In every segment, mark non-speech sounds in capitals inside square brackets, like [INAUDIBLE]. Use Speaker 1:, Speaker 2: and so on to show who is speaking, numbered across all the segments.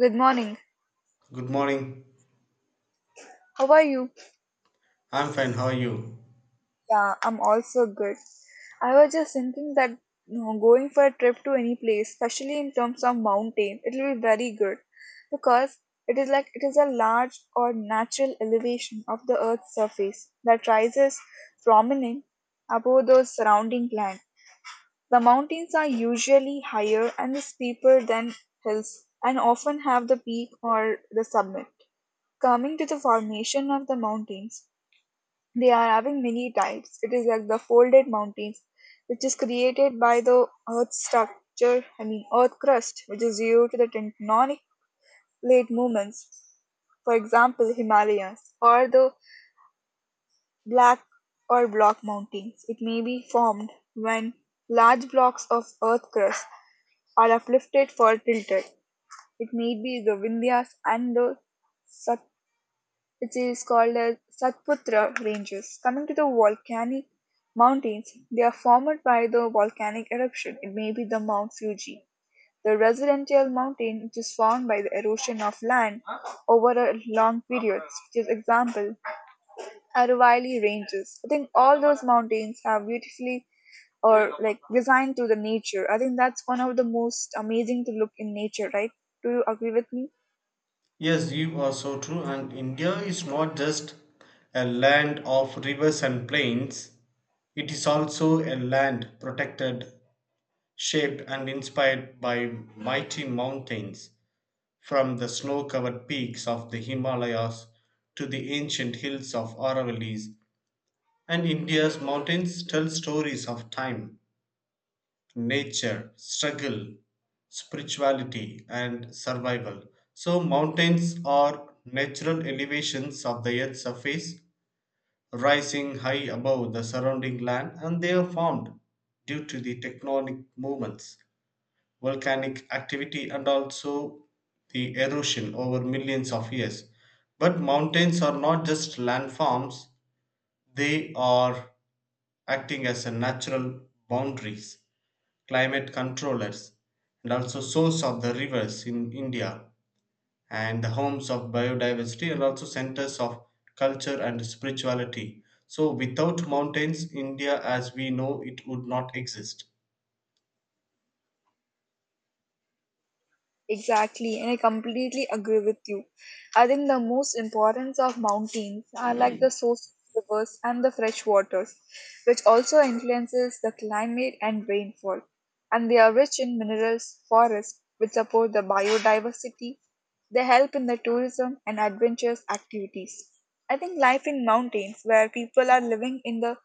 Speaker 1: Good morning.
Speaker 2: Good morning.
Speaker 1: How are you?
Speaker 2: I'm fine. How are you?
Speaker 1: Yeah, I'm also good. I was just thinking that going for a trip to any place, especially in terms of mountain, it will be very good because it is like it is a large or natural elevation of the earth's surface that rises prominent above the surrounding land. The mountains are usually higher and steeper than hills and often have the peak or the summit. Coming to the formation of the mountains, they are having many types. It is like the folded mountains, which is created by the earth structure, I mean earth crust, which is due to the tectonic plate movements. For example, Himalayas or the black or block mountains. It may be formed when large blocks of earth crust are uplifted or tilted. It may be the Vindhyas and the. It is called as Satputra Ranges. Coming to the volcanic mountains, they are formed by the volcanic eruption. It may be the Mount Fuji, the residential mountain which is formed by the erosion of land over a long periods, which is example Aravalli Ranges. I think all those mountains are beautifully or like designed to the nature. I think that's one of the most amazing to look in nature, right? Do you agree with me?
Speaker 2: Yes, you are so true. And India is not just a land of rivers and plains, it is also a land protected, shaped, and inspired by mighty mountains, from the snow covered peaks of the Himalayas to the ancient hills of Aravallis. And India's mountains tell stories of time, nature, struggle, spirituality, and survival. So, mountains are natural elevations of the earth's surface, rising high above the surrounding land, and they are formed due to the tectonic movements, volcanic activity, and also the erosion over millions of years. But mountains are not just landforms, they are acting as a natural boundaries, climate controllers, and also source of the rivers in India, and the homes of biodiversity and also centers of culture and spirituality. So without mountains, India as we know it would not exist.
Speaker 1: Exactly, and I completely agree with you. I think the most importance of mountains are like the source of rivers and the fresh waters, which also influences the climate and rainfall. And they are rich in minerals, forests, which support the biodiversity. They help in the tourism and adventurous activities. I think life in mountains, where people are living in the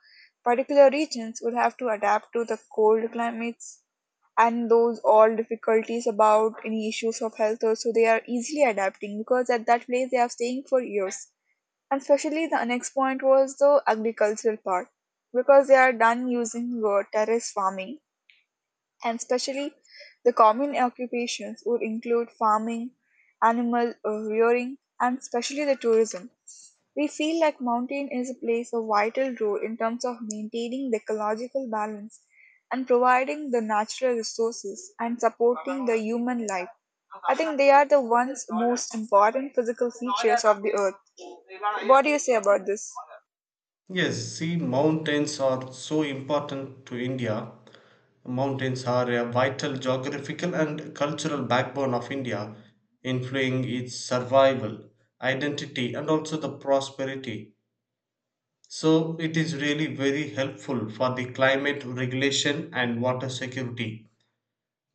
Speaker 1: particular regions, would have to adapt to the cold climates, and those all difficulties about any issues of health also they are easily adapting because at that place they are staying for years. And especially the next point was the agricultural part because they are done using terrace farming. And especially the common occupations would include farming, animal rearing, and especially the tourism. We feel like mountain is plays a vital role in terms of maintaining the ecological balance and providing the natural resources and supporting the human life. I think they are the ones most important physical features of the earth. What do you say about this?
Speaker 2: Yes, see, mountains are so important to India. Mountains are a vital geographical and cultural backbone of India, influencing its survival, identity, and also the prosperity. So it is really very helpful for the climate regulation and water security,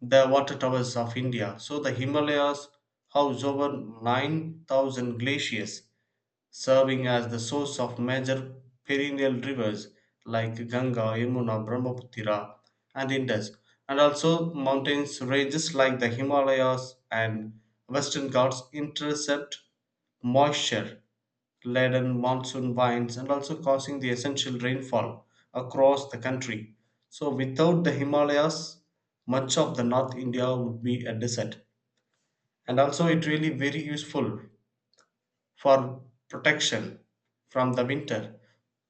Speaker 2: the water towers of India. So the Himalayas house over 9,000 glaciers, serving as the source of major perennial rivers like Ganga, Yamuna, Brahmaputra, and Indus, and also mountains ranges like the Himalayas and Western Ghats intercept moisture laden monsoon winds and also causing the essential rainfall across the country. So, without the Himalayas, much of the North India would be a desert. And also, it really very useful for protection from the winter.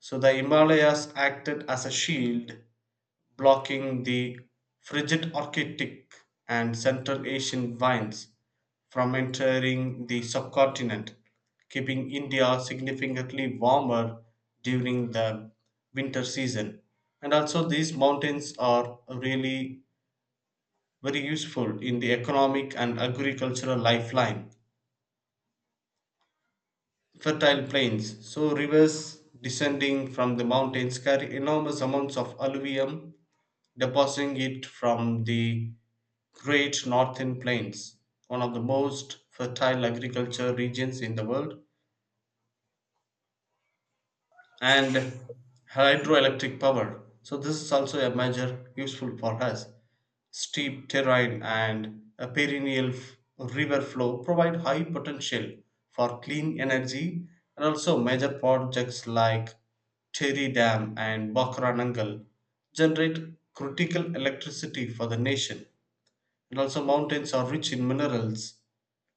Speaker 2: So, the Himalayas acted as a shield blocking the frigid Arctic and Central Asian vines from entering the subcontinent, keeping India significantly warmer during the winter season. And also, these mountains are really very useful in the economic and agricultural lifeline. Fertile plains, so rivers descending from the mountains carry enormous amounts of alluvium depositing it from the Great Northern Plains, one of the most fertile agriculture regions in the world, and hydroelectric power. So, this is also a measure useful for us. Steep terrain and a perennial river flow provide high potential for clean energy, and also major projects like Terry Dam and Bakranangal generate critical electricity for the nation. And also, mountains are rich in minerals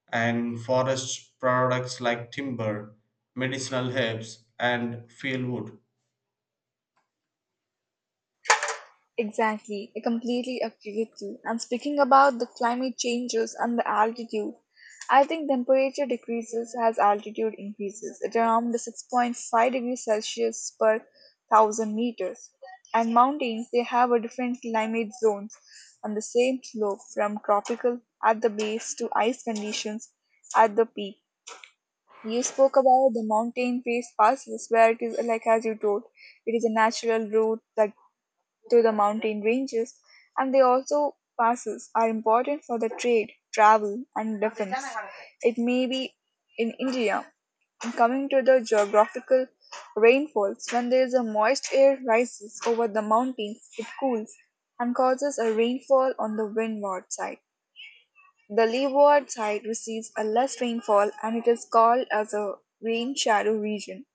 Speaker 2: and forest products like timber, medicinal herbs, and field wood.
Speaker 1: Exactly, I completely agree with you. And speaking about the climate changes and the altitude, I think temperature decreases as altitude increases at around the 6.5 degrees Celsius per 1,000 meters. And mountains, they have a different climate zones on the same slope, from tropical at the base to ice conditions at the peak. You spoke about the mountain face passes where it is like as you told, it is a natural route that to the mountain ranges, and they also passes are important for the trade, travel, and defense. It may be in India. And coming to the geographical rainfalls, when there is a moist air rises over the mountains, it cools and causes a rainfall on the windward side. The leeward side receives a less rainfall and it is called as a rain shadow region.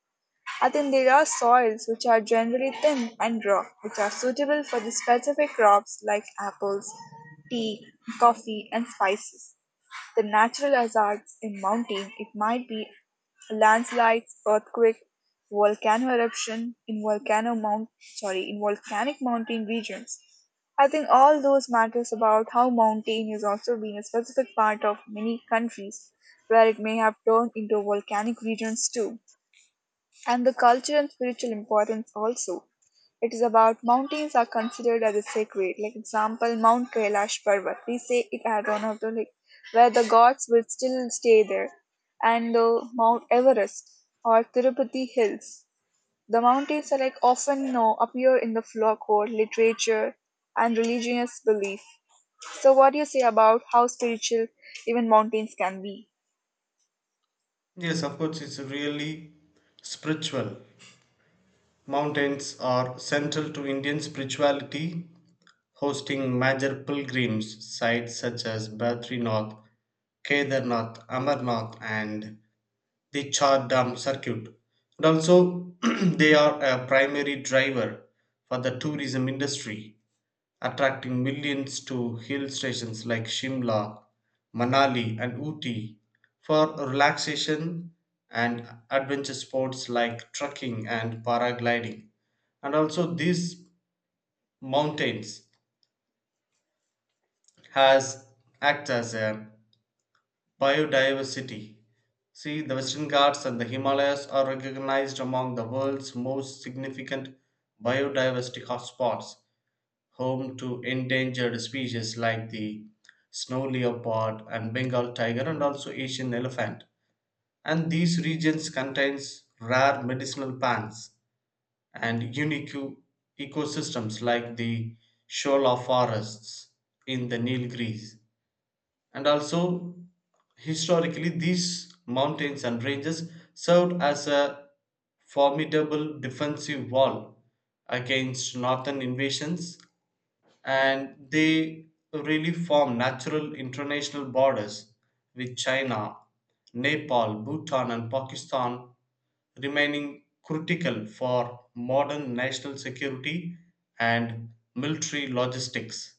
Speaker 1: I think there are soils which are generally thin and rough, which are suitable for the specific crops like apples, tea, coffee, and spices. The natural hazards in mountain, it might be landslides, earthquake, volcano eruption in volcanic mountain regions. I think all those matters about how mountain has also been a specific part of many countries where it may have turned into volcanic regions too, and the culture and spiritual importance also. It is about mountains are considered as a sacred. Like example, Mount Kailash Parvat. We say it as one of the like where the gods will still stay there, and Mount Everest or Tirupati Hills. The mountains are like often no appear in the folklore, literature, and religious belief. So, what do you say about how spiritual even mountains can be?
Speaker 2: Yes, of course, it's really spiritual. Mountains are central to Indian spirituality, hosting major pilgrims sites such as Badrinath, Kedarnath, Amarnath, and the Char Dham circuit. And also, [CLEARS THROAT] they are a primary driver for the tourism industry attracting millions to hill stations like Shimla, Manali, and Ooty for relaxation and adventure sports like trekking and paragliding. And also, these mountains has act as a biodiversity. See, the Western Ghats and the Himalayas are recognized among the world's most significant biodiversity hotspots, home to endangered species like the snow leopard and Bengal tiger and also Asian elephant. And these regions contains rare medicinal plants and unique ecosystems like the Shola forests in the Nilgiris. And also, historically, these mountains and ranges served as a formidable defensive wall against northern invasions, and they really form natural international borders with China, Nepal, Bhutan, and Pakistan, remaining critical for modern national security and military logistics.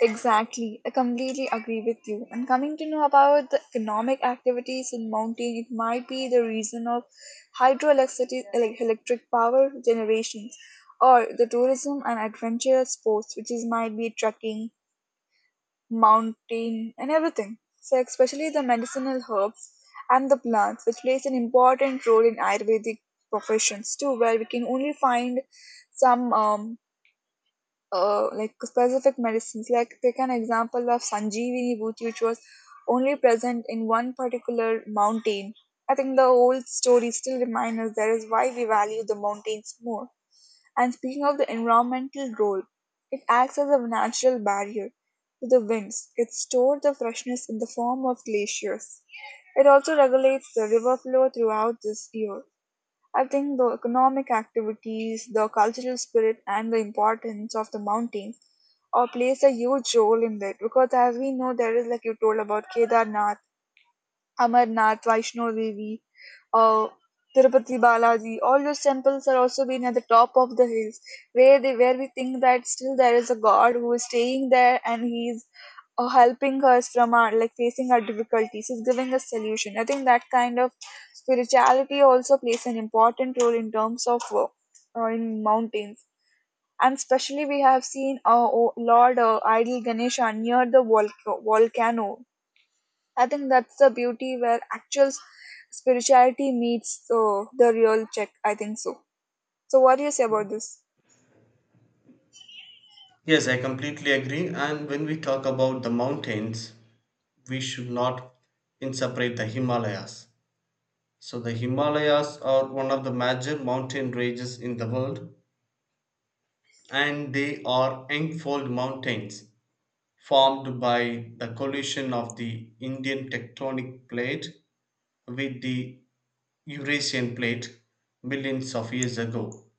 Speaker 1: Exactly, I completely agree with you. And coming to know about the economic activities in mountain, it might be the reason of hydroelectricity, electric power generation, or the tourism and adventure sports, which is might be trekking, mountain, and everything. So especially the medicinal herbs and the plants, which plays an important role in Ayurvedic professions too, where we can only find some like specific medicines. Like take an example of Sanjeevani root, which was only present in one particular mountain. I think the old story still reminds us that is why we value the mountains more. And speaking of the environmental role, it acts as a natural barrier to the winds. It stores the freshness in the form of glaciers. It also regulates the river flow throughout this year. I think the economic activities, the cultural spirit, and the importance of the mountains or plays a huge role in that because as we know there is like you told about Kedarnath, Amarnath, Vaishno Devi, uh, Tirupati Balaji. All those temples are also being at the top of the hills where they where we think that still there is a God who is staying there and he is helping us from our like facing our difficulties. He's giving us solution. I think that kind of spirituality also plays an important role in terms of in mountains. And especially we have seen oh, Lord Idol Ganesha near the volcano. I think that's the beauty where actual spirituality meets the real check. I think so. So, what do you say about this?
Speaker 2: Yes, I completely agree. And when we talk about the mountains, we should not inseparate the Himalayas. So, the Himalayas are one of the major mountain ranges in the world, and they are Engfold Mountains formed by the collision of the Indian tectonic plate with the Eurasian plate millions of years ago,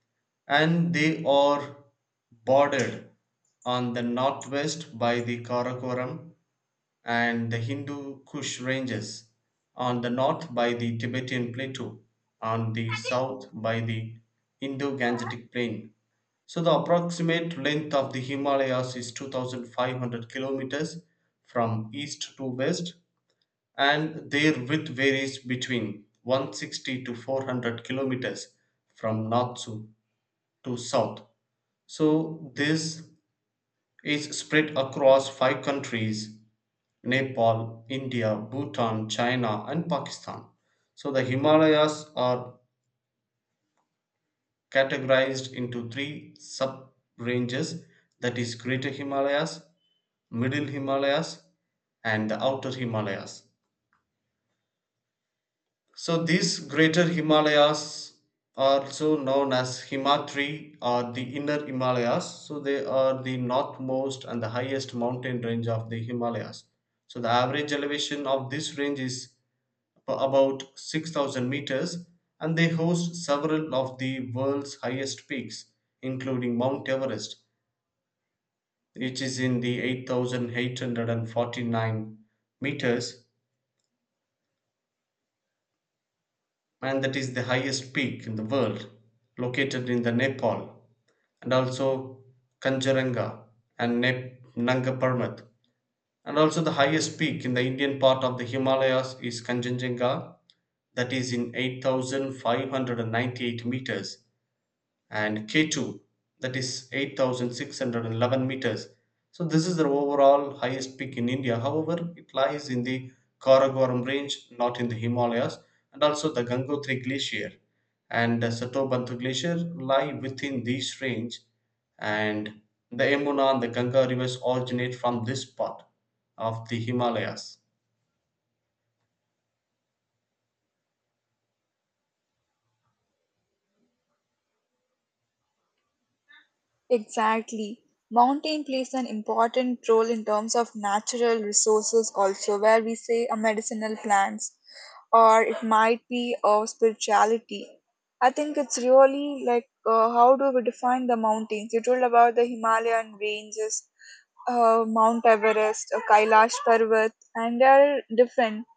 Speaker 2: and they are bordered on the northwest by the Karakoram and the Hindu Kush ranges, on the north by the Tibetan plateau, on the south by the Indo Gangetic plain. So the approximate length of the Himalayas is 2,500 kilometers from east to west, and their width varies between 160 to 400 kilometers from north to south. So this is spread across five countries: Nepal, India, Bhutan, China, and Pakistan. So the Himalayas are categorized into three sub ranges, that is, Greater Himalayas, Middle Himalayas, and the Outer Himalayas. So, these Greater Himalayas are also known as Himatri or the Inner Himalayas. So, they are the northmost and the highest mountain range of the Himalayas. So, the average elevation of this range is for about 6,000 meters, and they host several of the world's highest peaks, including Mount Everest, which is in the 8,849 meters, and that is the highest peak in the world, located in the Nepal, and also Kanchenjunga and Nanga Parbat. And also the highest peak in the Indian part of the Himalayas is Kanchenjunga, that is in 8,598 meters, and K2 that is 8,611 meters. So this is the overall highest peak in India. However, it lies in the Karakoram range, not in the Himalayas, and also the Gangotri glacier and the Satobantu glacier lie within this range, and the Yamuna and the Ganga rivers originate from this part of the Himalayas.
Speaker 1: Exactly. Mountain plays an important role in terms of natural resources also, where we say a medicinal plants or it might be a spirituality. I think it's really like how do we define the mountains? You told about the Himalayan ranges, Mount Everest, Kailash Parvat, and they're different.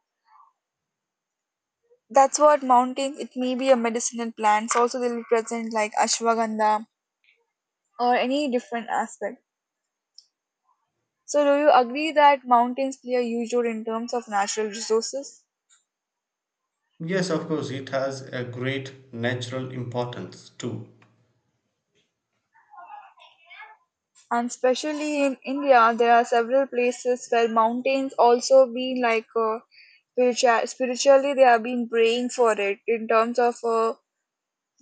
Speaker 1: That's what mountains, it may be a medicinal plants. Also, they'll be present like ashwagandha or any different aspect. So, do you agree that mountains play a huge role in terms of natural resources?
Speaker 2: Yes, of course, it has a great natural importance too.
Speaker 1: And especially in India, there are several places where mountains also been like spiritually they have been praying for it in terms of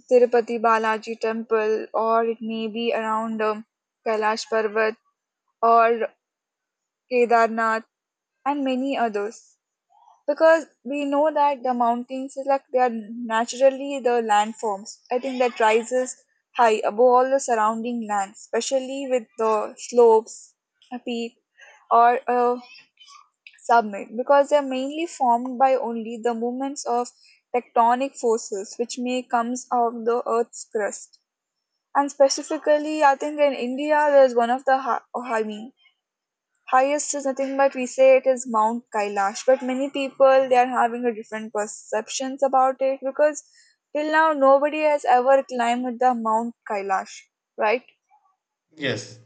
Speaker 1: Tirupati Balaji temple, or it may be around Kailash Parvat or Kedarnath and many others. Because we know that the mountains is like they are naturally the landforms. I think that rises high above all the surrounding land, especially with the slopes, a peak, or a summit, because they are mainly formed by only the movements of tectonic forces, which may comes out of the Earth's crust. And specifically, I think in India, there's one of the highest is nothing but we say it is Mount Kailash, but many people they are having a different perceptions about it because till now nobody has ever climbed the Mount Kailash, right?
Speaker 2: Yes.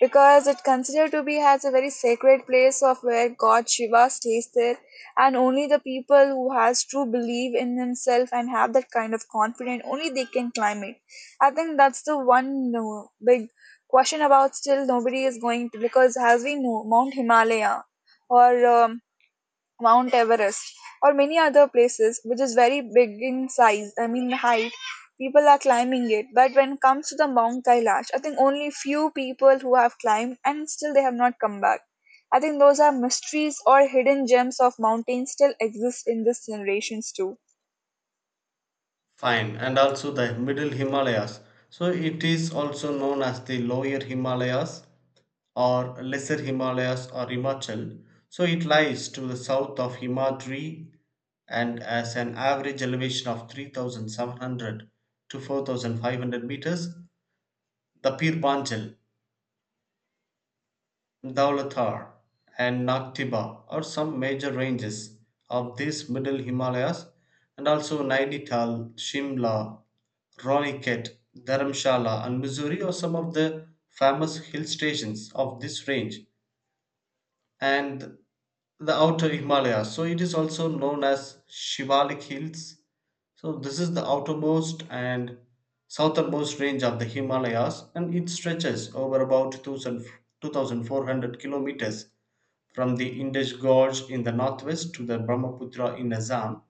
Speaker 1: Because it considered to be has a very sacred place of where god Shiva stays there, and only the people who has true belief in himself and have that kind of confidence only they can climb it. I think that's the one big question about still nobody is going to, because as we know Mount Himalaya or um, Mount Everest, or many other places, which is very big in size, I mean height. People are climbing it, but when it comes to the Mount Kailash, I think only few people who have climbed and still they have not come back. I think those are mysteries or hidden gems of mountains still exist in this generations too.
Speaker 2: Fine, and also the Middle Himalayas. So it is also known as the Lower Himalayas or Lesser Himalayas or Himachal. So it lies to the south of Himadri and has an average elevation of 3,700 to 4,500 meters. The Pir Panjal, Daulatar, and Nagtiba are some major ranges of these middle Himalayas, and also Nainital, Shimla, Raniket, Dharamshala, and Missouri are some of the famous hill stations of this range and the outer Himalayas. So it is also known as Shivalik Hills. So this is the outermost and southernmost range of the Himalayas, and it stretches over about 2,000 2,400 kilometers from the Indus Gorge in the northwest to the Brahmaputra in Assam,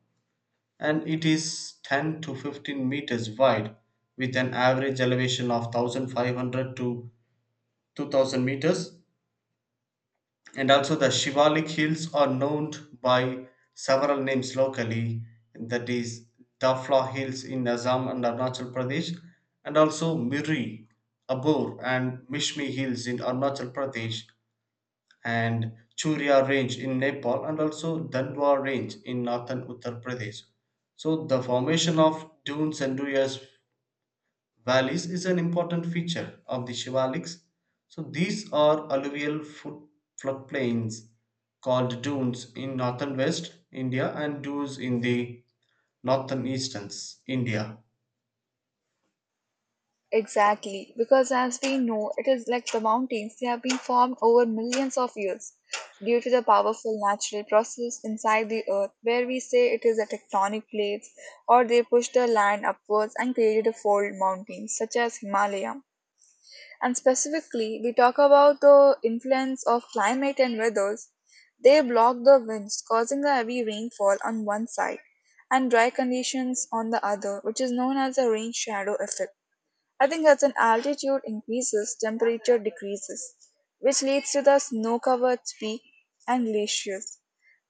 Speaker 2: and it is 10 to 15 meters wide with an average elevation of 1,500 to 2,000 meters, and also, the Shivalik Hills are known by several names locally, that is, Dafla Hills in Assam and Arunachal Pradesh, and also Miri, Abor, and Mishmi Hills in Arunachal Pradesh, and Churia Range in Nepal, and also Dandwa Range in northern Uttar Pradesh. So, the formation of dunes and dunas Valleys is an important feature of the Shivaliks. So these are alluvial floodplains called dunes in northern west India and dunes in the northern easterns India.
Speaker 1: Exactly, because as we know, it is like the mountains, they have been formed over millions of years due to the powerful natural process inside the earth, where we say it is a tectonic plates or they push the land upwards and created a fold mountains such as Himalaya. And specifically, we talk about the influence of climate and weathers. They block the winds, causing the heavy rainfall on one side and dry conditions on the other, which is known as the rain shadow effect. I think as an altitude increases, temperature decreases, which leads to the snow covered peak and glaciers.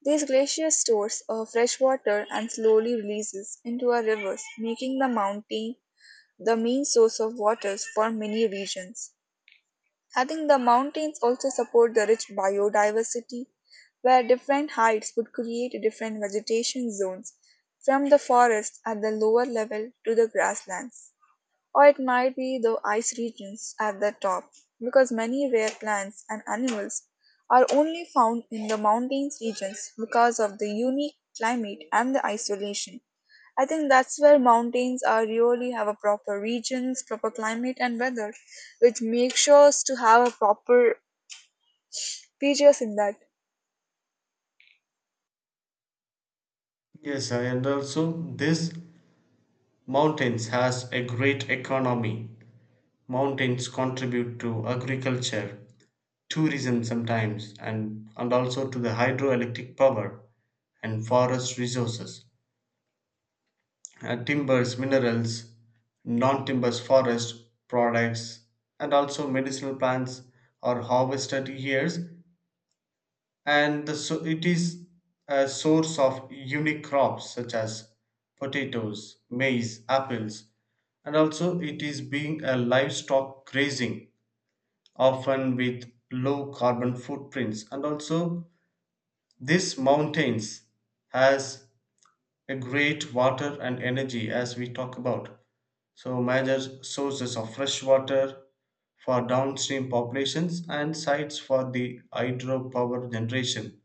Speaker 1: These glaciers stores of fresh water and slowly releases into our rivers, making the mountain the main source of waters for many regions. I think the mountains also support the rich biodiversity, where different heights would create different vegetation zones, from the forest at the lower level to the grasslands. Or it might be the ice regions at the top, because many rare plants and animals are only found in the mountains regions because of the unique climate and the isolation. I think that's where mountains are really have a proper regions, proper climate and weather, which makes sure to have a proper features in that.
Speaker 2: Yes, and also this mountains has a great economy. Mountains contribute to agriculture, tourism sometimes, and also to the hydroelectric power and forest resources, timbers, minerals, non timbers, forest products, and also medicinal plants are harvested here. And the, so it is a source of unique crops such as potatoes, maize, apples, and also it is being a livestock grazing, often with low carbon footprints. And also, this mountains has a great water and energy as we talk about. So, major sources of fresh water for downstream populations and sites for the hydropower generation,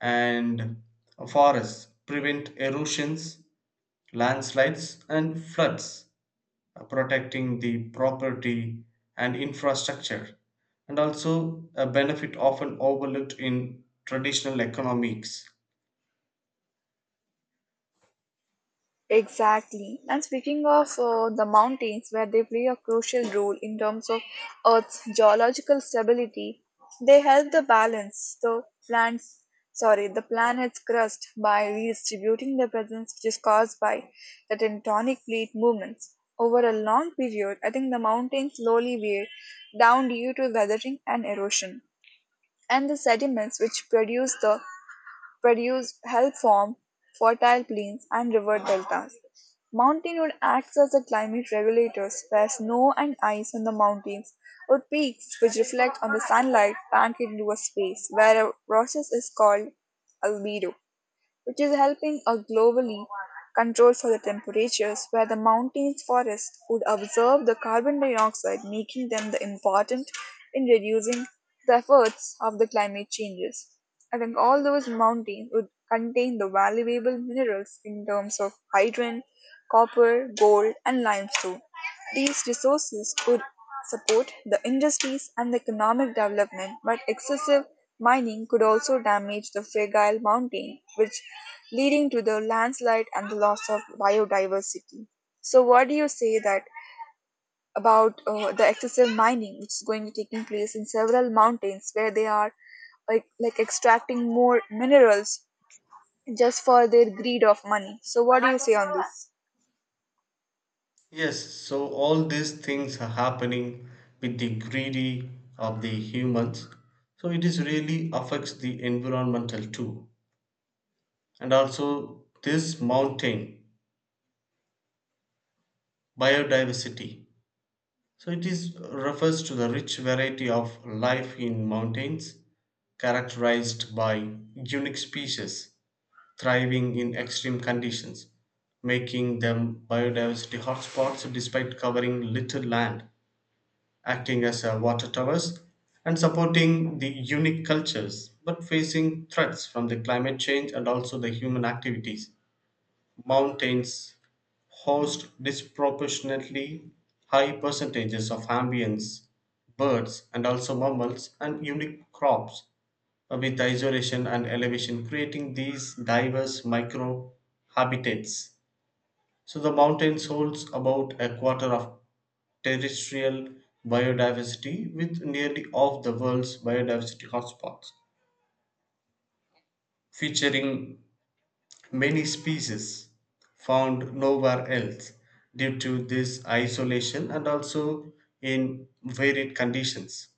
Speaker 2: and forests prevent erosions, landslides, and floods, protecting the property and infrastructure, and also a benefit often overlooked in traditional economics.
Speaker 1: Exactly. And speaking of the mountains, where they play a crucial role in terms of Earth's geological stability, they help the balance the plants, the planet's crust by redistributing the presence which is caused by the tectonic plate movements. Over a long period, I think the mountains slowly wear down due to weathering and erosion, and the sediments which produce help form fertile plains and river deltas. Mountain wood acts as a climate regulators where snow and ice on the mountains or peaks which reflect on the sunlight bank into a space where a process is called albedo which is helping a globally control for the temperatures where the mountains forests would absorb the carbon dioxide making them the important in reducing the efforts of the climate changes. I think all those mountains would contain the valuable minerals in terms of hydrogen, copper, gold, and limestone. These resources could support the industries and the economic development, but excessive mining could also damage the fragile mountain, which leading to the landslide and the loss of biodiversity. So, what do you say that about the excessive mining, which is going to taking place in several mountains where they are like extracting more minerals just for their greed of money? So, what do you say on this?
Speaker 2: Yes, so all these things are happening with the greedy of the humans. So it is really affects the environmental too. And also this mountain biodiversity. So it is refers to the rich variety of life in mountains, characterized by unique species thriving in extreme conditions, making them biodiversity hotspots despite covering little land, acting as a water towers and supporting the unique cultures but facing threats from the climate change and also the human activities. Mountains host disproportionately high percentages of amphibians, birds, and also mammals and unique crops, with isolation and elevation creating these diverse micro habitats. So the mountains holds about a quarter of terrestrial biodiversity, with nearly all the world's biodiversity hotspots, featuring many species found nowhere else due to this isolation and also in varied conditions.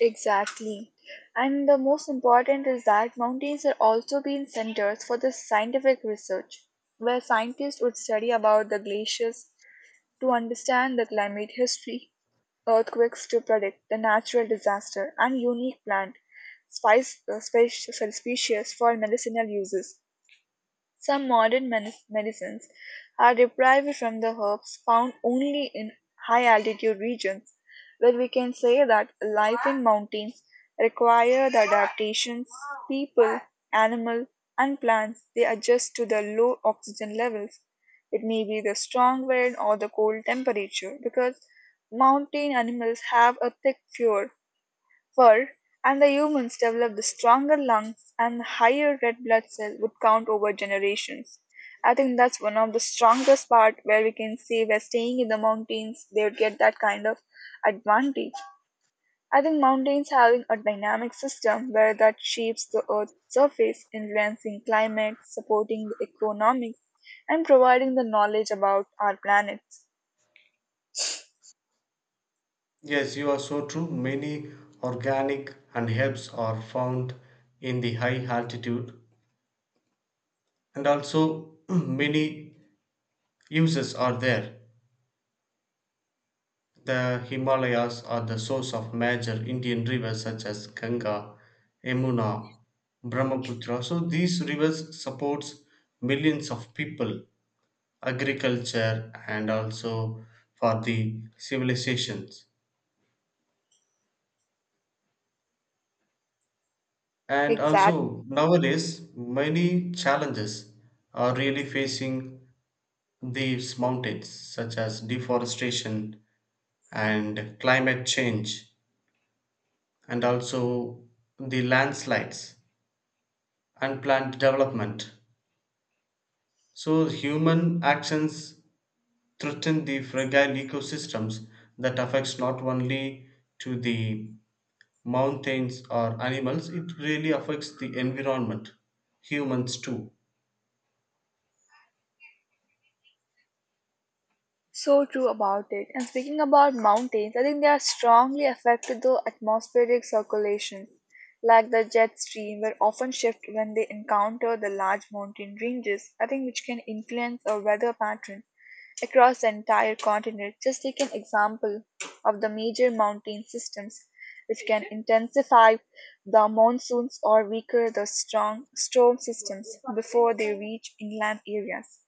Speaker 1: Exactly. And the most important is that mountains are also being centers for the scientific research, where scientists would study about the glaciers to understand the climate history, earthquakes to predict the natural disaster, and unique plant spice, uh, spec- species for medicinal uses. Some modern medicines are derived from the herbs found only in high altitude regions, where we can say that life in mountains require the adaptations people, animal, and plants they adjust to the low oxygen levels. It may be the strong wind or the cold temperature because mountain animals have a thick fur and the humans developed the stronger lungs and the higher red blood cell would count over generations. I think that's one of the strongest part where we can say we're staying in the mountains, they would get that kind of advantage. I think mountains having a dynamic system where that shapes the earth's surface, influencing climate, supporting the economics, and providing the knowledge about our planets.
Speaker 2: Yes, you are so true. Many organic and herbs are found in the high altitude, and also [CLEARS THROAT] many uses are there. The Himalayas are the source of major Indian rivers such as Ganga, Yamuna, Brahmaputra. So these rivers supports millions of people, agriculture, and also for the civilizations. And
Speaker 1: Exactly.
Speaker 2: also nowadays many challenges are really facing these mountains, such as deforestation and climate change, and also the landslides, unplanned development. So human actions threaten the fragile ecosystems that affects not only to the mountains or animals, it really affects the environment, humans too.
Speaker 1: So true about it. And speaking about mountains, I think they are strongly affected the atmospheric circulation, like the jet stream will often shift when they encounter the large mountain ranges, I think which can influence a weather pattern across the entire continent. Just take an example of the major mountain systems which can intensify the monsoons or weaker the strong storm systems before they reach inland areas.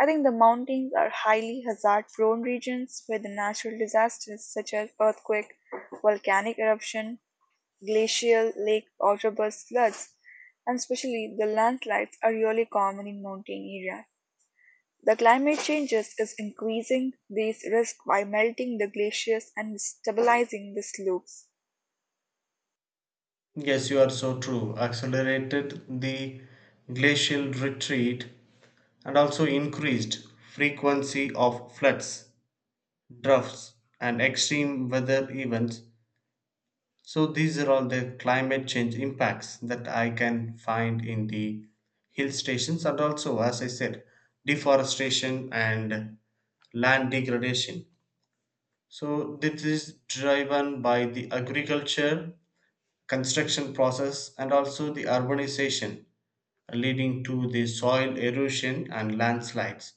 Speaker 1: I think the mountains are highly hazard prone regions with natural disasters such as earthquake, volcanic eruption, glacial lake or outburst floods, and especially the landslides are really common in mountain areas. The climate changes is increasing these risks by melting the glaciers and stabilizing the slopes.
Speaker 2: Yes, you are so true. Accelerated the glacial retreat and also increased frequency of floods, droughts, and extreme weather events. So these are all the climate change impacts that I can find in the hill stations, and also as I said, deforestation and land degradation. So this is driven by the agriculture, construction process, and also the urbanization, leading to the soil erosion and landslides,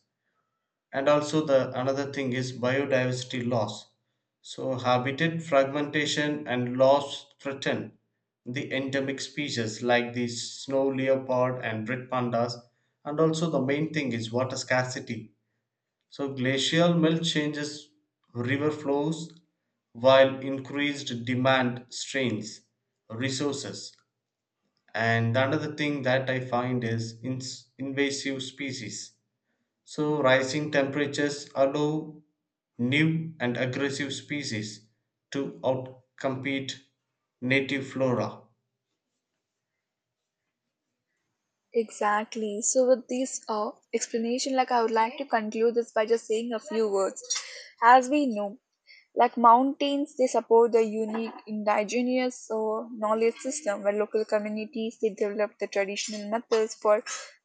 Speaker 2: and also the another thing is biodiversity loss. So habitat fragmentation and loss threaten the endemic species like the snow leopard and red pandas, and also the main thing is water scarcity. So glacial melt changes river flows while increased demand strains resources, and another thing that I find is ins invasive species. So, rising temperatures allow new and aggressive species to outcompete native flora.
Speaker 1: Exactly. So, with this explanation, like I would like to conclude this by just saying a few words. As we know, like mountains, they support the unique indigenous so, knowledge system where local communities they develop the traditional methods for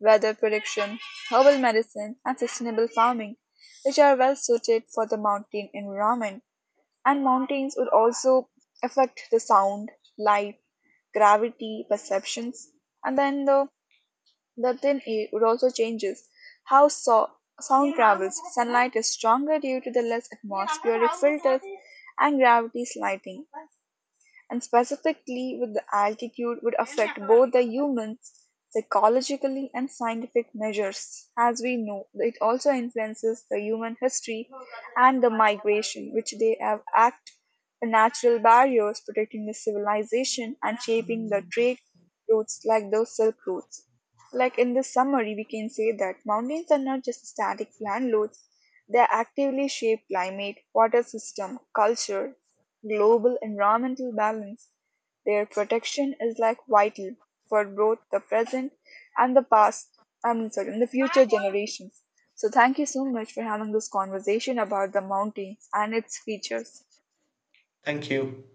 Speaker 1: weather prediction, herbal medicine, and sustainable farming, which are well suited for the mountain environment. And mountains would also affect the sound, light, gravity, perceptions, and then the thin air would also changes how so- sound travels. Sunlight is stronger due to the less atmospheric filters and gravity's lighting, and specifically with the altitude would affect both the humans psychologically and scientific measures. As we know, it also influences the human history and the migration, which they have act the natural barriers protecting the civilization and shaping the trade routes like those silk routes. Like in this summary, we can say that mountains are not just static landloads, they actively shape climate, water system, culture, global environmental balance. Their protection is like vital for both the present and the past, I mean, sorry, and the future generations. So, thank you so much for having this conversation about the mountains and its features.
Speaker 2: Thank you.